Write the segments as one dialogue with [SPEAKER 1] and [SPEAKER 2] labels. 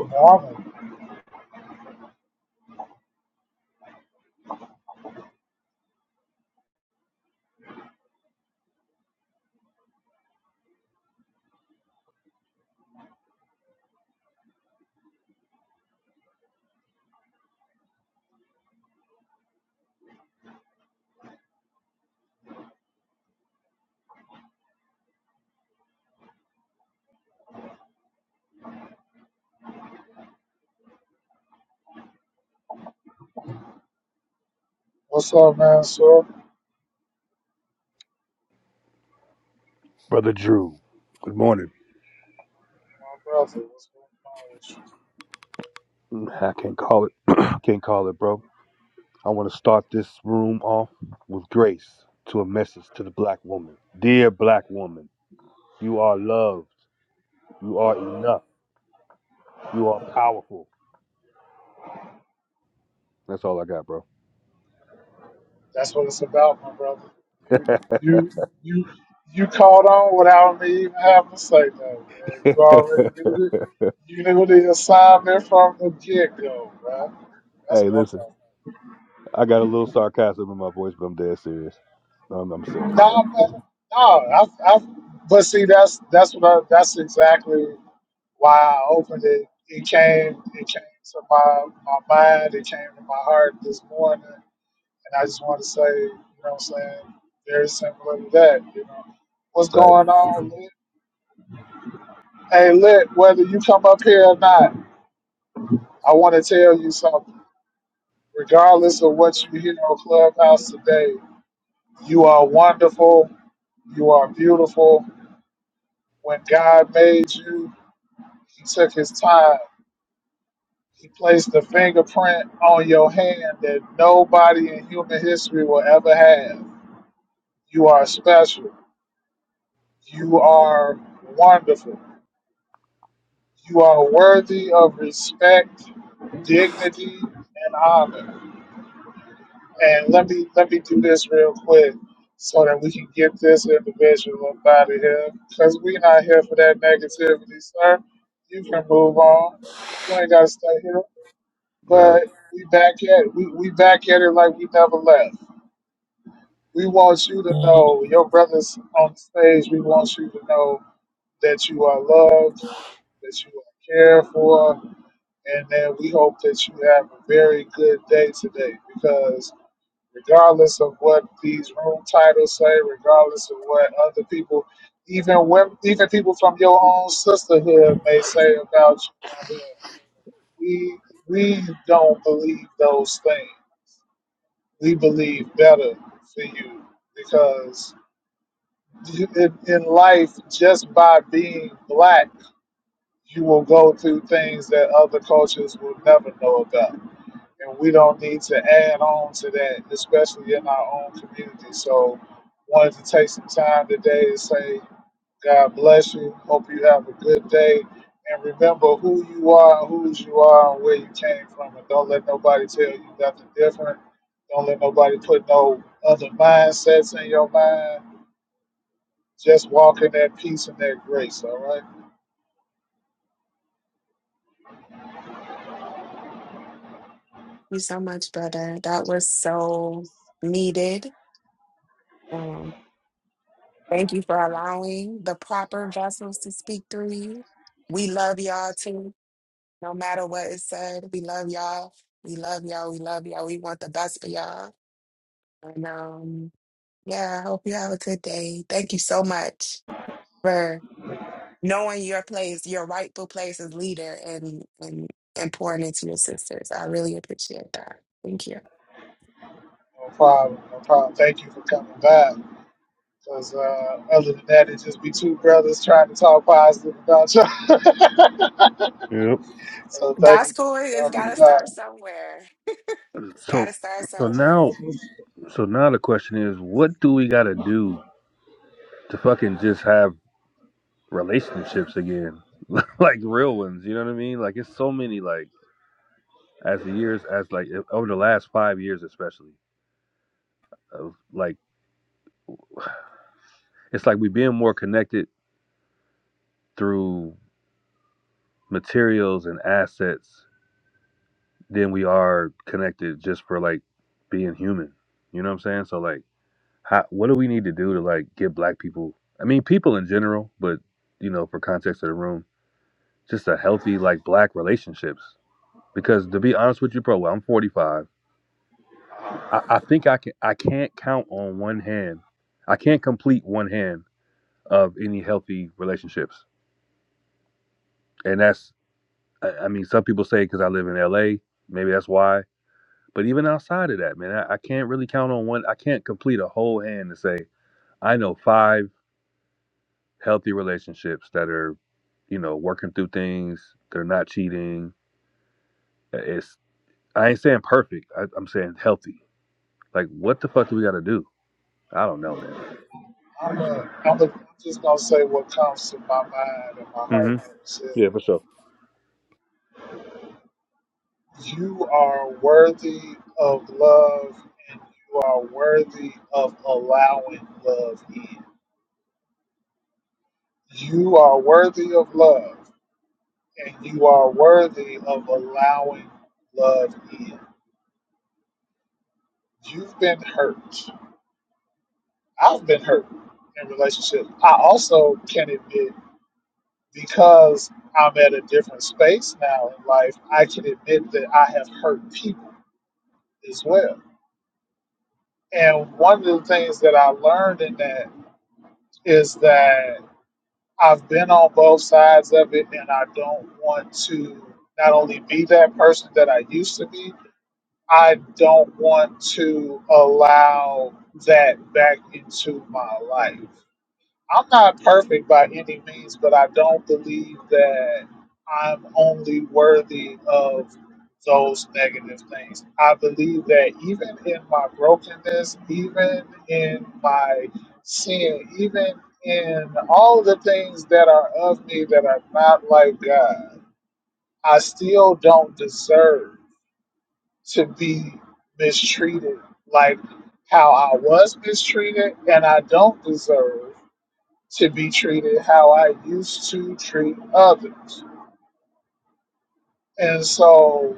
[SPEAKER 1] Marvin, what's up, man? So,
[SPEAKER 2] Brother Drew, good morning.
[SPEAKER 1] my brother, what's going on with you?
[SPEAKER 2] I can't call it, can't call it, bro. I want to start this room off with grace to a message to the black woman. Dear black woman, you are loved. You are enough. You are powerful. That's all I got, bro.
[SPEAKER 1] That's what it's about, my brother. You, you, you, you called on without me even having to say that, man. You already knew it. You knew the assignment from the get go, man. That's
[SPEAKER 2] hey,
[SPEAKER 1] what I'm
[SPEAKER 2] listen,
[SPEAKER 1] talking.
[SPEAKER 2] I got a little sarcasm in my voice, but I'm dead serious. I'm, I'm
[SPEAKER 1] About.
[SPEAKER 2] serious, though.
[SPEAKER 1] Nah, man. Nah, I, I, but see, that's that's what I, that's exactly why I opened it. It came, it came to my my mind. It came to my heart this morning And I just want to say, you know what I'm saying? Very simple as that, you know. What's
[SPEAKER 2] Right,
[SPEAKER 1] going on, Lit? Hey, Lit, whether you come up here or not, I want to tell you something. Regardless of what you hear on Clubhouse today, you are wonderful. You are beautiful. When God made you, He took His time. He placed the fingerprint on your hand that nobody in human history will ever have. You are special. You are wonderful You are worthy of respect, dignity, and honor. And let me let me do this real quick so that we can get this individual up out of here. Because we're not here for that negativity, sir. You can move on. You ain't gotta stay here.
[SPEAKER 2] right.
[SPEAKER 1] But we back at it. We, we back at it like we never left. We want you to know, your brothers on stage, we want you to know that you are loved, that you are cared for, And then we hope that you have a very good day today because regardless of what these room titles say, regardless of what other people, even when, even people from your own sisterhood may say about you on here, we we don't believe those things. We believe better for you because you- in, in life, just by being black, you will go through things that other cultures will never know about and we don't need to add on to that, especially in our own community. So, wanted to take some time today to say, God bless you. Hope you have a good day. And remember who you are, whose you are, and where you came from. And don't let nobody tell you nothing different. Don't let nobody put no other mindsets in your mind. Just walk in that peace and that grace, all right?
[SPEAKER 3] you so much, brother. That was so needed. Um, thank you for allowing the proper vessels to speak through you. We love y'all too, no matter what is said. We love y'all. We love y'all. We love y'all. We want the best for y'all. And um, yeah, I hope you have a good day. Thank you so much for knowing your place, your rightful place as leader, and and, and pouring into your sisters. I really appreciate that. Thank you.
[SPEAKER 1] No problem. No problem. Thank you for coming by. Because uh, other than that, it just be two brothers trying to talk positive about y'all.
[SPEAKER 2] Yep.
[SPEAKER 1] So thank
[SPEAKER 3] That's
[SPEAKER 1] you.
[SPEAKER 3] cool. It's
[SPEAKER 1] Thank
[SPEAKER 3] got
[SPEAKER 1] you,
[SPEAKER 3] to
[SPEAKER 1] God.
[SPEAKER 3] start somewhere. It's got to
[SPEAKER 2] So,
[SPEAKER 3] start
[SPEAKER 2] so
[SPEAKER 1] That's,
[SPEAKER 3] somewhere.
[SPEAKER 2] now,
[SPEAKER 1] that's what,
[SPEAKER 2] so now the question is, what do we got to do to fucking just have relationships again, like real ones. You know what I mean? Like it's so many like as the years as like e, over the last five years especially of like it's like we being more connected through materials and assets than we are connected just for like being human. You know what I'm saying? So like, how what do we need to do to like get black people? I mean, people in general, but you know, for context of the room, just a healthy like black relationships. Because to be honest with you, bro, I'm 45. I, I think I can I can't count on one hand. I can't complete one hand of any healthy relationships, and that's I, I mean some people say because I live in L.A. Maybe that's why. But even outside of that, man, I, I can't really count on one. I can't complete a whole hand to say I know five healthy relationships that are you know working through things. They're not cheating. It's I ain't saying perfect. I, I'm saying healthy. Like what the fuck do we got to do? I don't know, man.
[SPEAKER 1] I'm, a, I'm, a, just going to say what comes to my mind and my heart.
[SPEAKER 2] hmm
[SPEAKER 1] You said,
[SPEAKER 2] Yeah, for sure.
[SPEAKER 1] You are worthy of love and you are worthy of allowing love in. You are worthy of love and you are worthy of allowing love in. You've been hurt I've been hurt in relationships. I also can admit because I'm at a different space now in life, I can admit that I have hurt people as well. And one of the things that I learned in that is that I've been on both sides of it and I don't want to not only be that person that I used to be, I don't want to allow that back into my life I'm not perfect by any means, but I don't believe that I'm only worthy of those negative things. I believe that even in my brokenness, even in my sin, even in all the things that are of me that are not like God, I still don't deserve to be mistreated like how I was mistreated, and I don't deserve to be treated how I used to treat others. And so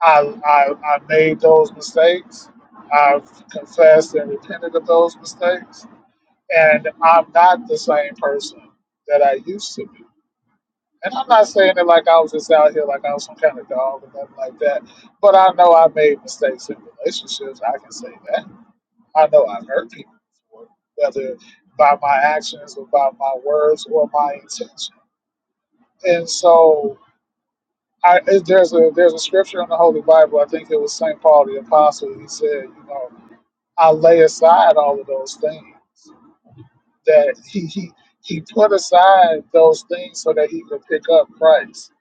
[SPEAKER 1] I, I, I made those mistakes. I've confessed and repented of those mistakes. And I'm not the same person that I used to be. And I'm not saying it like I was just out here like I was some kind of dog or nothing like that. But I know I made mistakes in relationships. I can say that. I know I've hurt people before, whether by my actions or by my words or my intention. And so I, it, there's a there's a scripture in the Holy Bible. I think it was Saint Paul the Apostle. He said, you know, I lay aside all of those things that he he he put aside those things so that he could pick up Christ.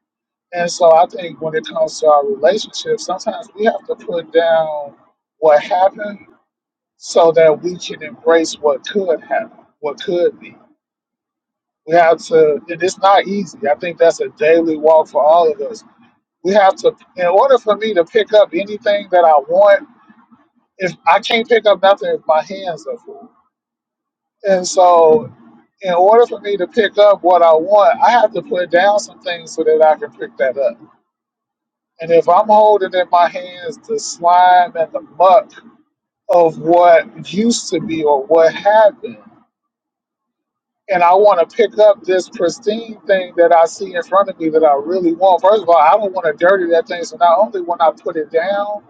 [SPEAKER 1] And so I think when it comes to our relationship, sometimes we have to put down what happened so that we can embrace what could happen, what could be. We have to, and it's not easy. I think that's a daily walk for all of us We have to, in order for me to pick up anything that I want, if I can't pick up nothing if my hands are full. And so, in order for me to pick up what I want, I have to put down some things so that I can pick that up. And if I'm holding in my hands the slime and the muck of what used to be or what had been, and I want to pick up this pristine thing that I see in front of me that I really want, first of all, I don't want to dirty that thing. So, not only when I put it down,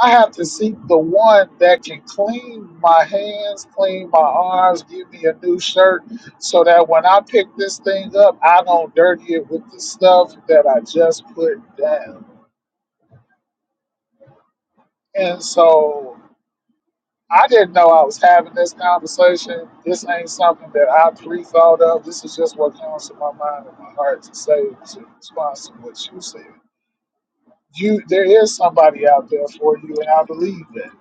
[SPEAKER 1] I have to seek the one that can clean my hands, clean my arms, give me a new shirt so that when I pick this thing up, I don't dirty it with the stuff that I just put down. And so I didn't know I was having this conversation. This ain't something that I pre thought of. This is just what comes to my mind and my heart to say in response to what you said. You, there is somebody out there for you, and I believe that.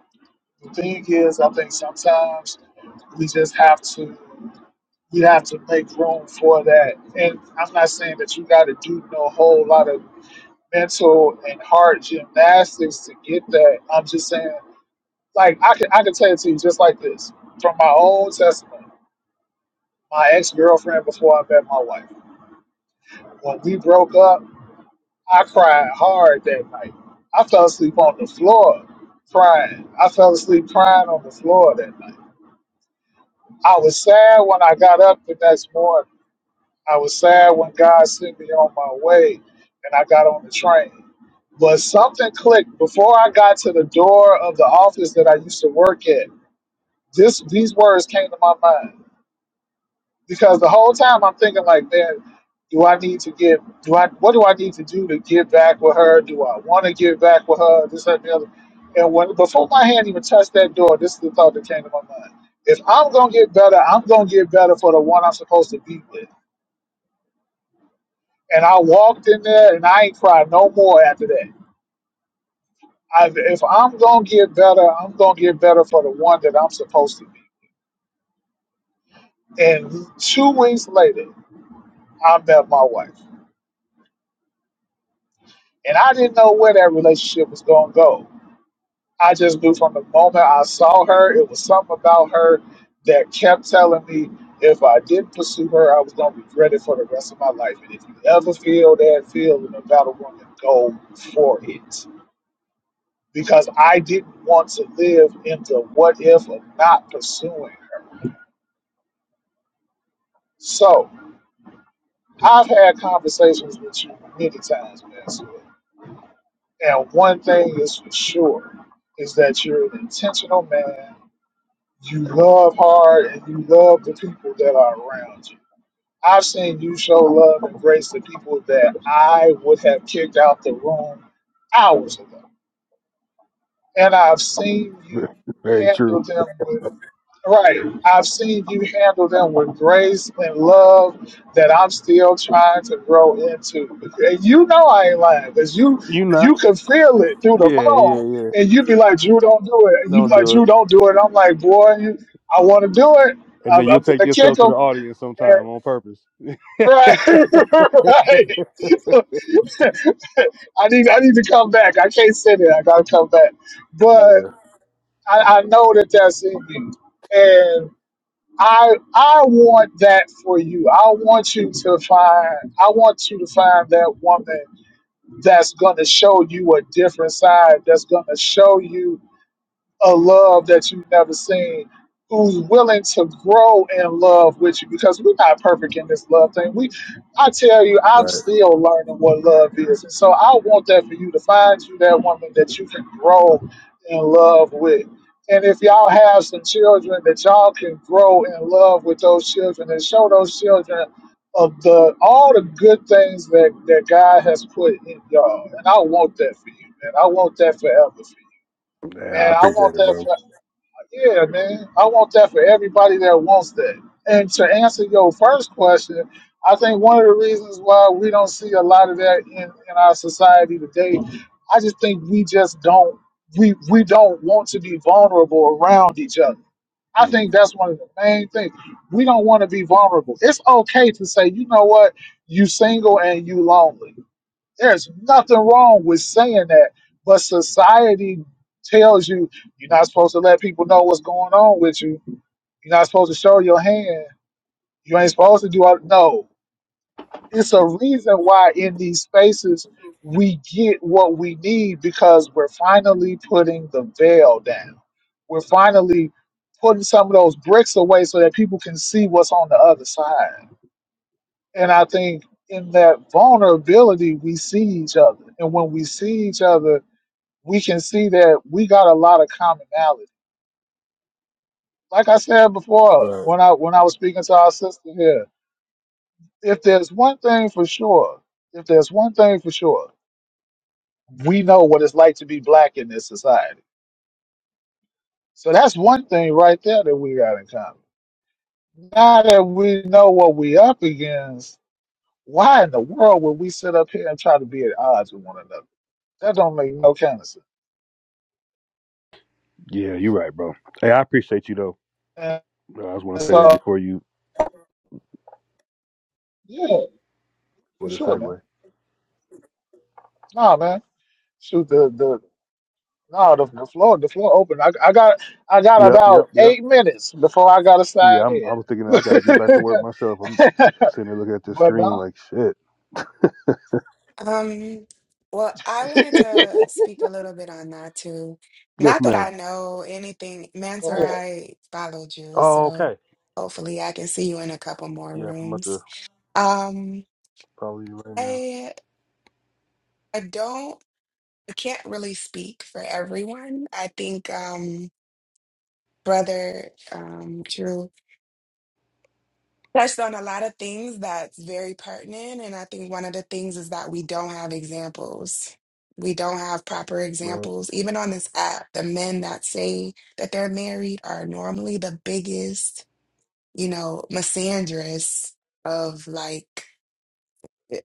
[SPEAKER 1] The thing is, I think sometimes we just have to we have to make room for that. And I'm not saying that you got to do no whole lot of mental and heart gymnastics to get that. I'm just saying, like I can I can tell it to you just like this from my own testimony. My ex girlfriend before I met my wife. When we broke up, I cried hard that night. I fell asleep on the floor crying. I fell asleep crying on the floor that night I was sad when I got up the next morning. I was sad when God sent me on my way and I got on the train. But something clicked before I got to the door of the office that I used to work at. This these words came to my mind because the whole time I'm thinking like, man, do I need to give? Do I? What do I need to do to get back with her? Do I want to get back with her? This that, and the other. And when before my hand even touched that door, this is the thought that came to my mind: If I'm gonna get better, I'm gonna get better for the one I'm supposed to be with. And I walked in there, and I ain't cried no more after that. I, if I'm gonna get better, I'm gonna get better for the one that I'm supposed to be. And two weeks later, I met my wife, and I didn't know where that relationship was gonna go I just knew from the moment I saw her, it was something about her that kept telling me if I didn't pursue her, I was going to regret it for the rest of my life. And if you ever feel that feeling about a woman, go for it. Because I didn't want to live in the what if of not pursuing her. So I've had conversations with you many times, Maxwell. And one thing is for sure is that you're an intentional man You love hard and you love the people that are around you. I've seen you show love and grace to people that I would have kicked out the room hours ago and I've seen you
[SPEAKER 2] Very true.
[SPEAKER 1] handle them with right. I've seen you handle them with grace and love that I'm still trying to grow into. And you know I ain't lying because you
[SPEAKER 2] You not.
[SPEAKER 1] you can feel it through the
[SPEAKER 2] Yeah, yeah,
[SPEAKER 1] phone,
[SPEAKER 2] yeah.
[SPEAKER 1] and you would be like, Drew, don't do it. And you be
[SPEAKER 2] Don't
[SPEAKER 1] like,
[SPEAKER 2] do it.
[SPEAKER 1] Drew, don't do it. And I'm like, boy, you, I want to do it.
[SPEAKER 2] And
[SPEAKER 1] I'm,
[SPEAKER 2] then you'll
[SPEAKER 1] I'm
[SPEAKER 2] take
[SPEAKER 1] gonna kick
[SPEAKER 2] yourself to the
[SPEAKER 1] them.
[SPEAKER 2] audience sometime on purpose.
[SPEAKER 1] Right, right. I need I need to come back. I can't sit there. I gotta come back. but.
[SPEAKER 2] yeah,
[SPEAKER 1] I, I know that that's in you, and I I want that for you. I want you to find. I want you to find that woman that's going to show you a different side. That's going to show you a love that you've never seen, who's willing to grow in love with you because we're not perfect in this love thing. We I tell you, I'm
[SPEAKER 2] right.
[SPEAKER 1] still learning what love is. And so I want that for you to find you that woman that you can grow in love with. And if y'all have some children that y'all can grow in love with those children and show those children of the all the good things that, that God has put in y'all. And I want that for you, man. I want that forever for you.
[SPEAKER 2] Yeah, I
[SPEAKER 1] And I want
[SPEAKER 2] appreciate it,
[SPEAKER 1] that
[SPEAKER 2] bro.
[SPEAKER 1] yeah, man. I want that for everybody that wants that. And to answer your first question, I think one of the reasons why we don't see a lot of that in, in our society today, I just think we just don't we we don't want to be vulnerable around each other. I
[SPEAKER 2] Mm.
[SPEAKER 1] think that's one of the main things. We don't want to be vulnerable. It's okay to say, you know what, you single and you lonely there's nothing wrong with saying that, but society tells you you're not supposed to let people know what's going on with you. You're not supposed to show your hand. You ain't supposed to do all. No, it's a reason why in these spaces we get what we need because we're finally putting the veil down. We're finally putting some of those bricks away so that people can see what's on the other side. And I think in that vulnerability, we see each other. And when we see each other, we can see that we got a lot of commonality. Like I said before,
[SPEAKER 2] Right.
[SPEAKER 1] when I when I was speaking to our sister here, if there's one thing for sure, if there's one thing for sure, we know what it's like to be black in this society. So that's one thing right there that we got in common. Now that we know what we up against, why in the world would we sit up here and try to be at odds with one another? That don't make no kind of sense.
[SPEAKER 2] Yeah, you're right, bro. Hey, I appreciate you though.
[SPEAKER 1] And
[SPEAKER 2] Uh, I just want to say that
[SPEAKER 1] so
[SPEAKER 2] before you
[SPEAKER 1] yeah, for
[SPEAKER 2] for the
[SPEAKER 1] sure, man.
[SPEAKER 2] segue.
[SPEAKER 1] Nah, man. Shoot the the nah the, the floor the floor open. I, I got I got
[SPEAKER 2] Yep, yep,
[SPEAKER 1] about
[SPEAKER 2] yep.
[SPEAKER 1] eight minutes before I gotta
[SPEAKER 2] Yeah,
[SPEAKER 1] sign
[SPEAKER 2] I'm.
[SPEAKER 1] in.
[SPEAKER 2] I was thinking I
[SPEAKER 1] but
[SPEAKER 2] got to get back to work myself. I'm sitting here looking at this screen
[SPEAKER 1] nah,
[SPEAKER 2] like shit.
[SPEAKER 3] Um, well, I wanted to speak a little bit on that too.
[SPEAKER 2] Yes,
[SPEAKER 3] Not that
[SPEAKER 2] ma'am.
[SPEAKER 3] I know anything,
[SPEAKER 1] go
[SPEAKER 3] Mansur,
[SPEAKER 1] ahead.
[SPEAKER 3] I followed you,
[SPEAKER 2] Oh,
[SPEAKER 3] so
[SPEAKER 2] okay.
[SPEAKER 3] hopefully I can see you in a couple more
[SPEAKER 2] Yeah, I'm about to
[SPEAKER 3] rooms. Um,
[SPEAKER 2] follow you right now.
[SPEAKER 3] I I don't I can't really speak for everyone. I think um brother um Drew touched on a lot of things that's very pertinent. And I think one of the things is that we don't have examples. We don't have proper
[SPEAKER 2] Right.
[SPEAKER 3] examples. Even on this app, the men that say that they're married are normally the biggest, you know, misandrous of like,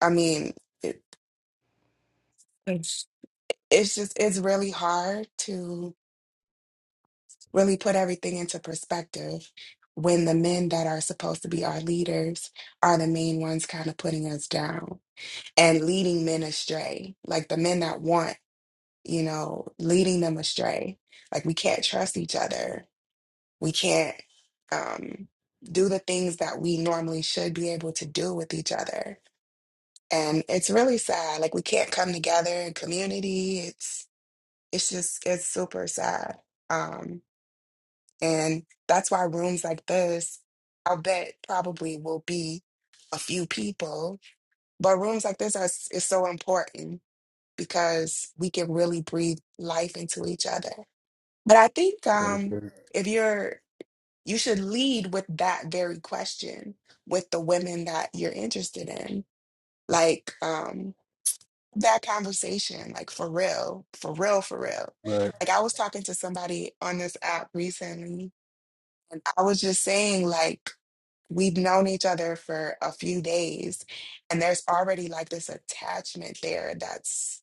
[SPEAKER 3] I mean, it, it's it's just, it's really hard to really put everything into perspective when the men that are supposed to be our leaders are the main ones kind of putting us down. and leading men astray, like the men that want, you know, leading them astray. Like we can't trust each other. We can't um, do the things that we normally should be able to do with each other. And it's really sad. Like we can't come together in community. It's it's just it's super sad. Um, and that's why rooms like this, I'll bet probably will be a few people, but rooms like this are is so important because we can really breathe life into each other. But I think um,
[SPEAKER 2] Understand.
[SPEAKER 3] if you're, you should lead with that very question with the women that you're interested in. Like um, that conversation, like for real, for real, for real.
[SPEAKER 2] Right.
[SPEAKER 3] Like I was talking to somebody on this app recently, and I was just saying, like, we've known each other for a few days, and there's already like this attachment there that's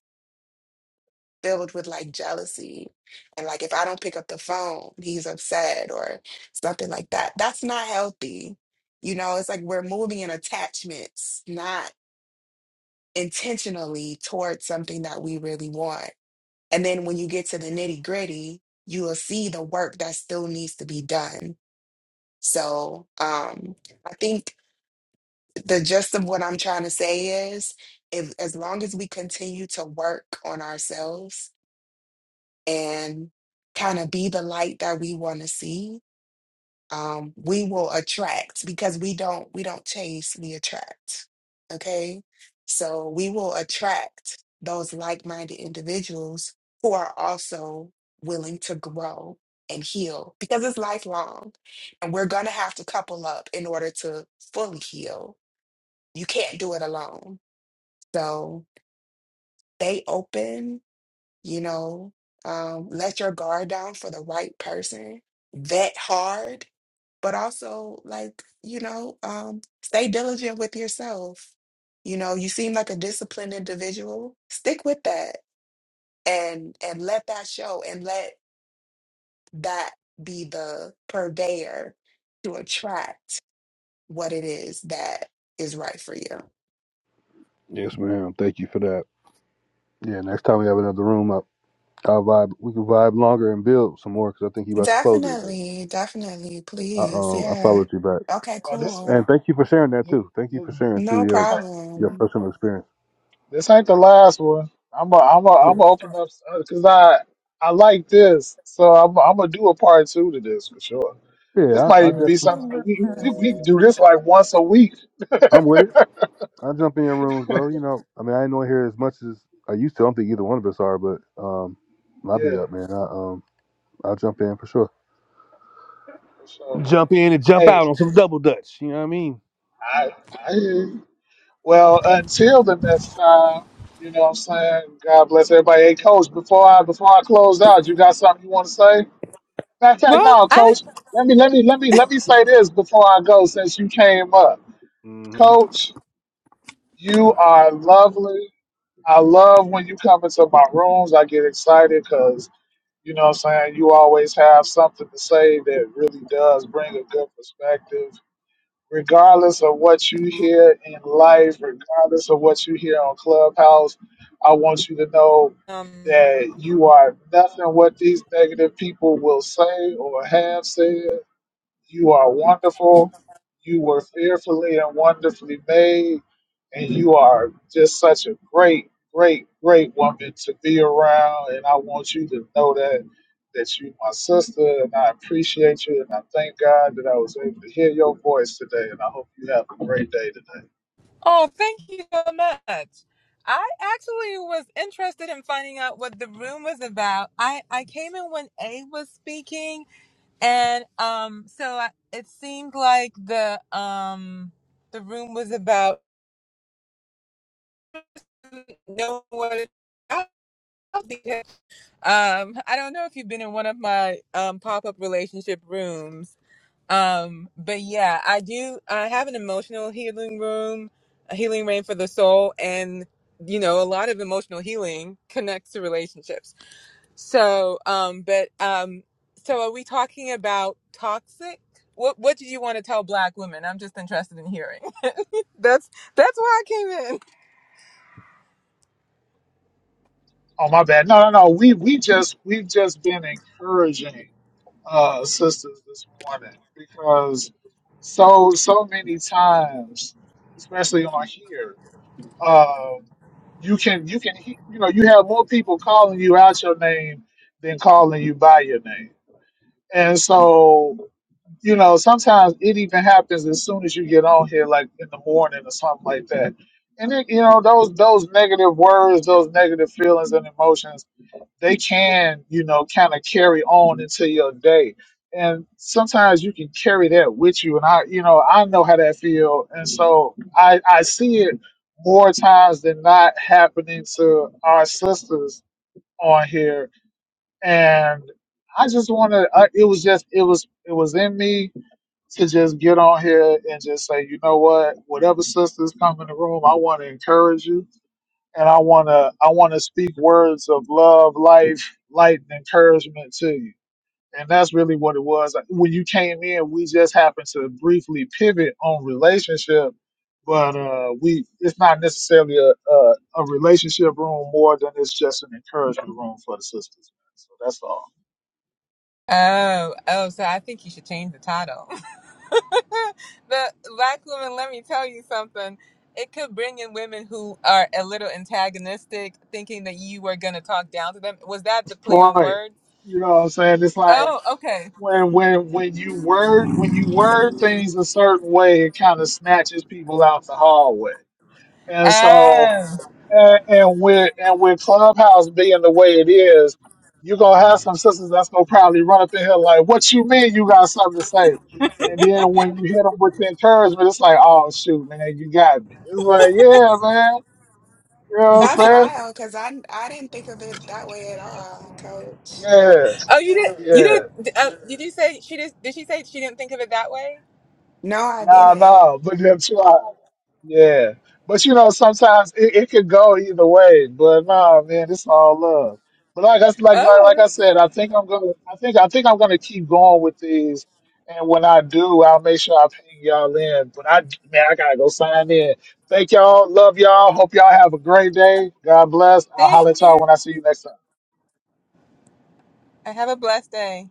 [SPEAKER 3] filled with like jealousy and like if I don't pick up the phone, he's upset or something like that. That's not healthy. You know, it's like we're moving in attachments, not intentionally towards something that we really want. And then when you get to the nitty gritty, you will see the work that still needs to be done. So um, I think the gist of what I'm trying to say is if, as long as we continue to work on ourselves and kind of be the light that we want to see um we will attract because we don't we don't chase we attract okay so we will attract those like-minded individuals who are also willing to grow and heal because it's lifelong and we're going to have to couple up in order to fully heal you can't do it alone so stay open you know, um, let your guard down for the right person that hard, but also like, you know, um, stay diligent with yourself. You know, you seem like a disciplined individual. Stick with that and and let that show and let that be the purveyor to attract what it is that is right for you.
[SPEAKER 2] Yes, ma'am. Thank you for that. Yeah, next time we have another room, I vibe. We can vibe longer and build some more because I think you about to close it. But
[SPEAKER 3] Definitely, definitely,
[SPEAKER 2] I,
[SPEAKER 3] please.
[SPEAKER 2] um, I
[SPEAKER 3] Yeah.
[SPEAKER 2] followed you back,
[SPEAKER 3] Okay,
[SPEAKER 1] Oh, this,
[SPEAKER 2] and
[SPEAKER 3] cool.
[SPEAKER 2] thank you for sharing that
[SPEAKER 1] this
[SPEAKER 2] too. Thank you for sharing too
[SPEAKER 3] No
[SPEAKER 1] this
[SPEAKER 2] your
[SPEAKER 1] ain't
[SPEAKER 2] your
[SPEAKER 3] problem.
[SPEAKER 2] personal experience.
[SPEAKER 1] this ain't the last one. I'm a, I'm a,
[SPEAKER 2] Yeah,
[SPEAKER 1] I'm gonna open up because I I like this, so I'm I'm gonna do a part two to this for sure. This
[SPEAKER 2] yeah.
[SPEAKER 1] might
[SPEAKER 2] I, I
[SPEAKER 1] even be something
[SPEAKER 2] definitely,
[SPEAKER 1] that we we, we can do this like once a week.
[SPEAKER 2] I'm with it. I jump in your rooms, bro. You know, I mean, I ain't on here as much as I used to. I don't think either one of us are, but um, I'll be
[SPEAKER 1] Yeah.
[SPEAKER 2] up, man. I um, I'll jump in for sure.
[SPEAKER 1] For sure, man.
[SPEAKER 2] Jump in and jump
[SPEAKER 1] Hey,
[SPEAKER 2] out on some double dutch. You know what I mean?
[SPEAKER 1] I, I hear you. Well, until the next time, you know what I'm saying? God bless everybody. Hey, Coach, before I before I close out, you got something you want to say? Matter of fact,
[SPEAKER 4] Well,
[SPEAKER 1] no,
[SPEAKER 4] I
[SPEAKER 1] Coach. Let me let me let me let me say this before I go, since you came up,
[SPEAKER 2] Uh huh.
[SPEAKER 1] Coach. You are lovely. I love when you come into my rooms. I get excited because you know what I'm saying. You always have something to say that really does bring a good perspective regardless of what you hear in life, regardless of what you hear on Clubhouse, I want you to know
[SPEAKER 4] um
[SPEAKER 1] that you are nothing what these negative people will say or have said. You are wonderful. You were fearfully and wonderfully made. And you are just such a great, great, great woman to be around. And I want you to know that that you my sister and I appreciate you and I thank God that I was able to hear your voice today and I hope you have a great day today.
[SPEAKER 4] oh, thank you so much. I actually was interested in finding out what the room was about. I I came in when A was speaking and um so I, it seemed like the um the room was about know what it's about because, um I don't know if you've been in one of my um pop-up relationship rooms Um, but yeah, I do. I have an emotional healing room, a healing rain for the soul, and you know, a lot of emotional healing connects to relationships. So, um, but um, so are we talking about toxic? What What did you want to tell Black women? I'm just interested in hearing. that's That's why I came in.
[SPEAKER 1] Oh my bad. No, no, no. We we just we've just been encouraging uh, sisters this morning because so so many times, especially on here, um, you can you can he- you know you have more people calling you out your name than calling you by your name, and so you know sometimes it even happens as soon as you get on here, like in the morning or something like that. And it, you know those those negative words, those negative feelings and emotions they can, you know, kind of carry on into your day. And sometimes you can carry that with you. And I, you know, I know how that feel. And so I, I see it more times than not happening to our sisters on here. And I just wanted, I, it was just, it was, it was in me to just get on here and just say, you know what, whatever sisters come in the room, I want to encourage you and I wanna I wanna speak words of love, life, light, and encouragement to you. And that's really what it was. Like, When you came in, we just happened to briefly pivot on relationship, but uh, we it's not necessarily a, a a relationship room more than it's just an encouragement room for the sisters. So that's all.
[SPEAKER 4] Oh, oh. So I think you should change the title. the black woman, let me tell you something. It could bring in women who are a little antagonistic, thinking that you were going to talk down to them. Was that the play
[SPEAKER 1] Point.
[SPEAKER 4] on words?
[SPEAKER 1] You know what I'm saying? It's like
[SPEAKER 4] Oh, okay.
[SPEAKER 1] when when when you word when you word things a certain way, it kind of snatches people out the hallway. And so
[SPEAKER 4] Oh,
[SPEAKER 1] and, and with and with Clubhouse being the way it is, you're gonna have some sisters that's gonna probably run up in here like, "What you mean you got something to say?" And then when you hit them with the encouragement, it's like, "Oh shoot, man, you got me." It's like, "Yeah, man," you know what I'm
[SPEAKER 3] That's
[SPEAKER 1] saying?
[SPEAKER 3] wild because I I didn't think of it that way at all, coach.
[SPEAKER 1] Yeah,
[SPEAKER 4] oh, you didn't. You
[SPEAKER 1] yeah.
[SPEAKER 4] didn't. Uh, did you say she just? Did she say she didn't think of it that way?
[SPEAKER 3] No, I
[SPEAKER 1] No,
[SPEAKER 3] didn't.
[SPEAKER 1] no, but that's why. Yeah, but you know, sometimes it, it could go either way. But no, man, it's all love. But like I like like like
[SPEAKER 4] Oh,
[SPEAKER 1] I said, I think I'm gonna, I think I think I'm gonna keep going with these. And when I do, I'll make sure I ping y'all in. But I, man, I gotta go sign in. Thank y'all. Love y'all. Hope y'all have a great day. God bless. I'll
[SPEAKER 4] thank
[SPEAKER 1] holler at y'all
[SPEAKER 4] you.
[SPEAKER 1] when I see you next time.
[SPEAKER 4] I have a blessed day.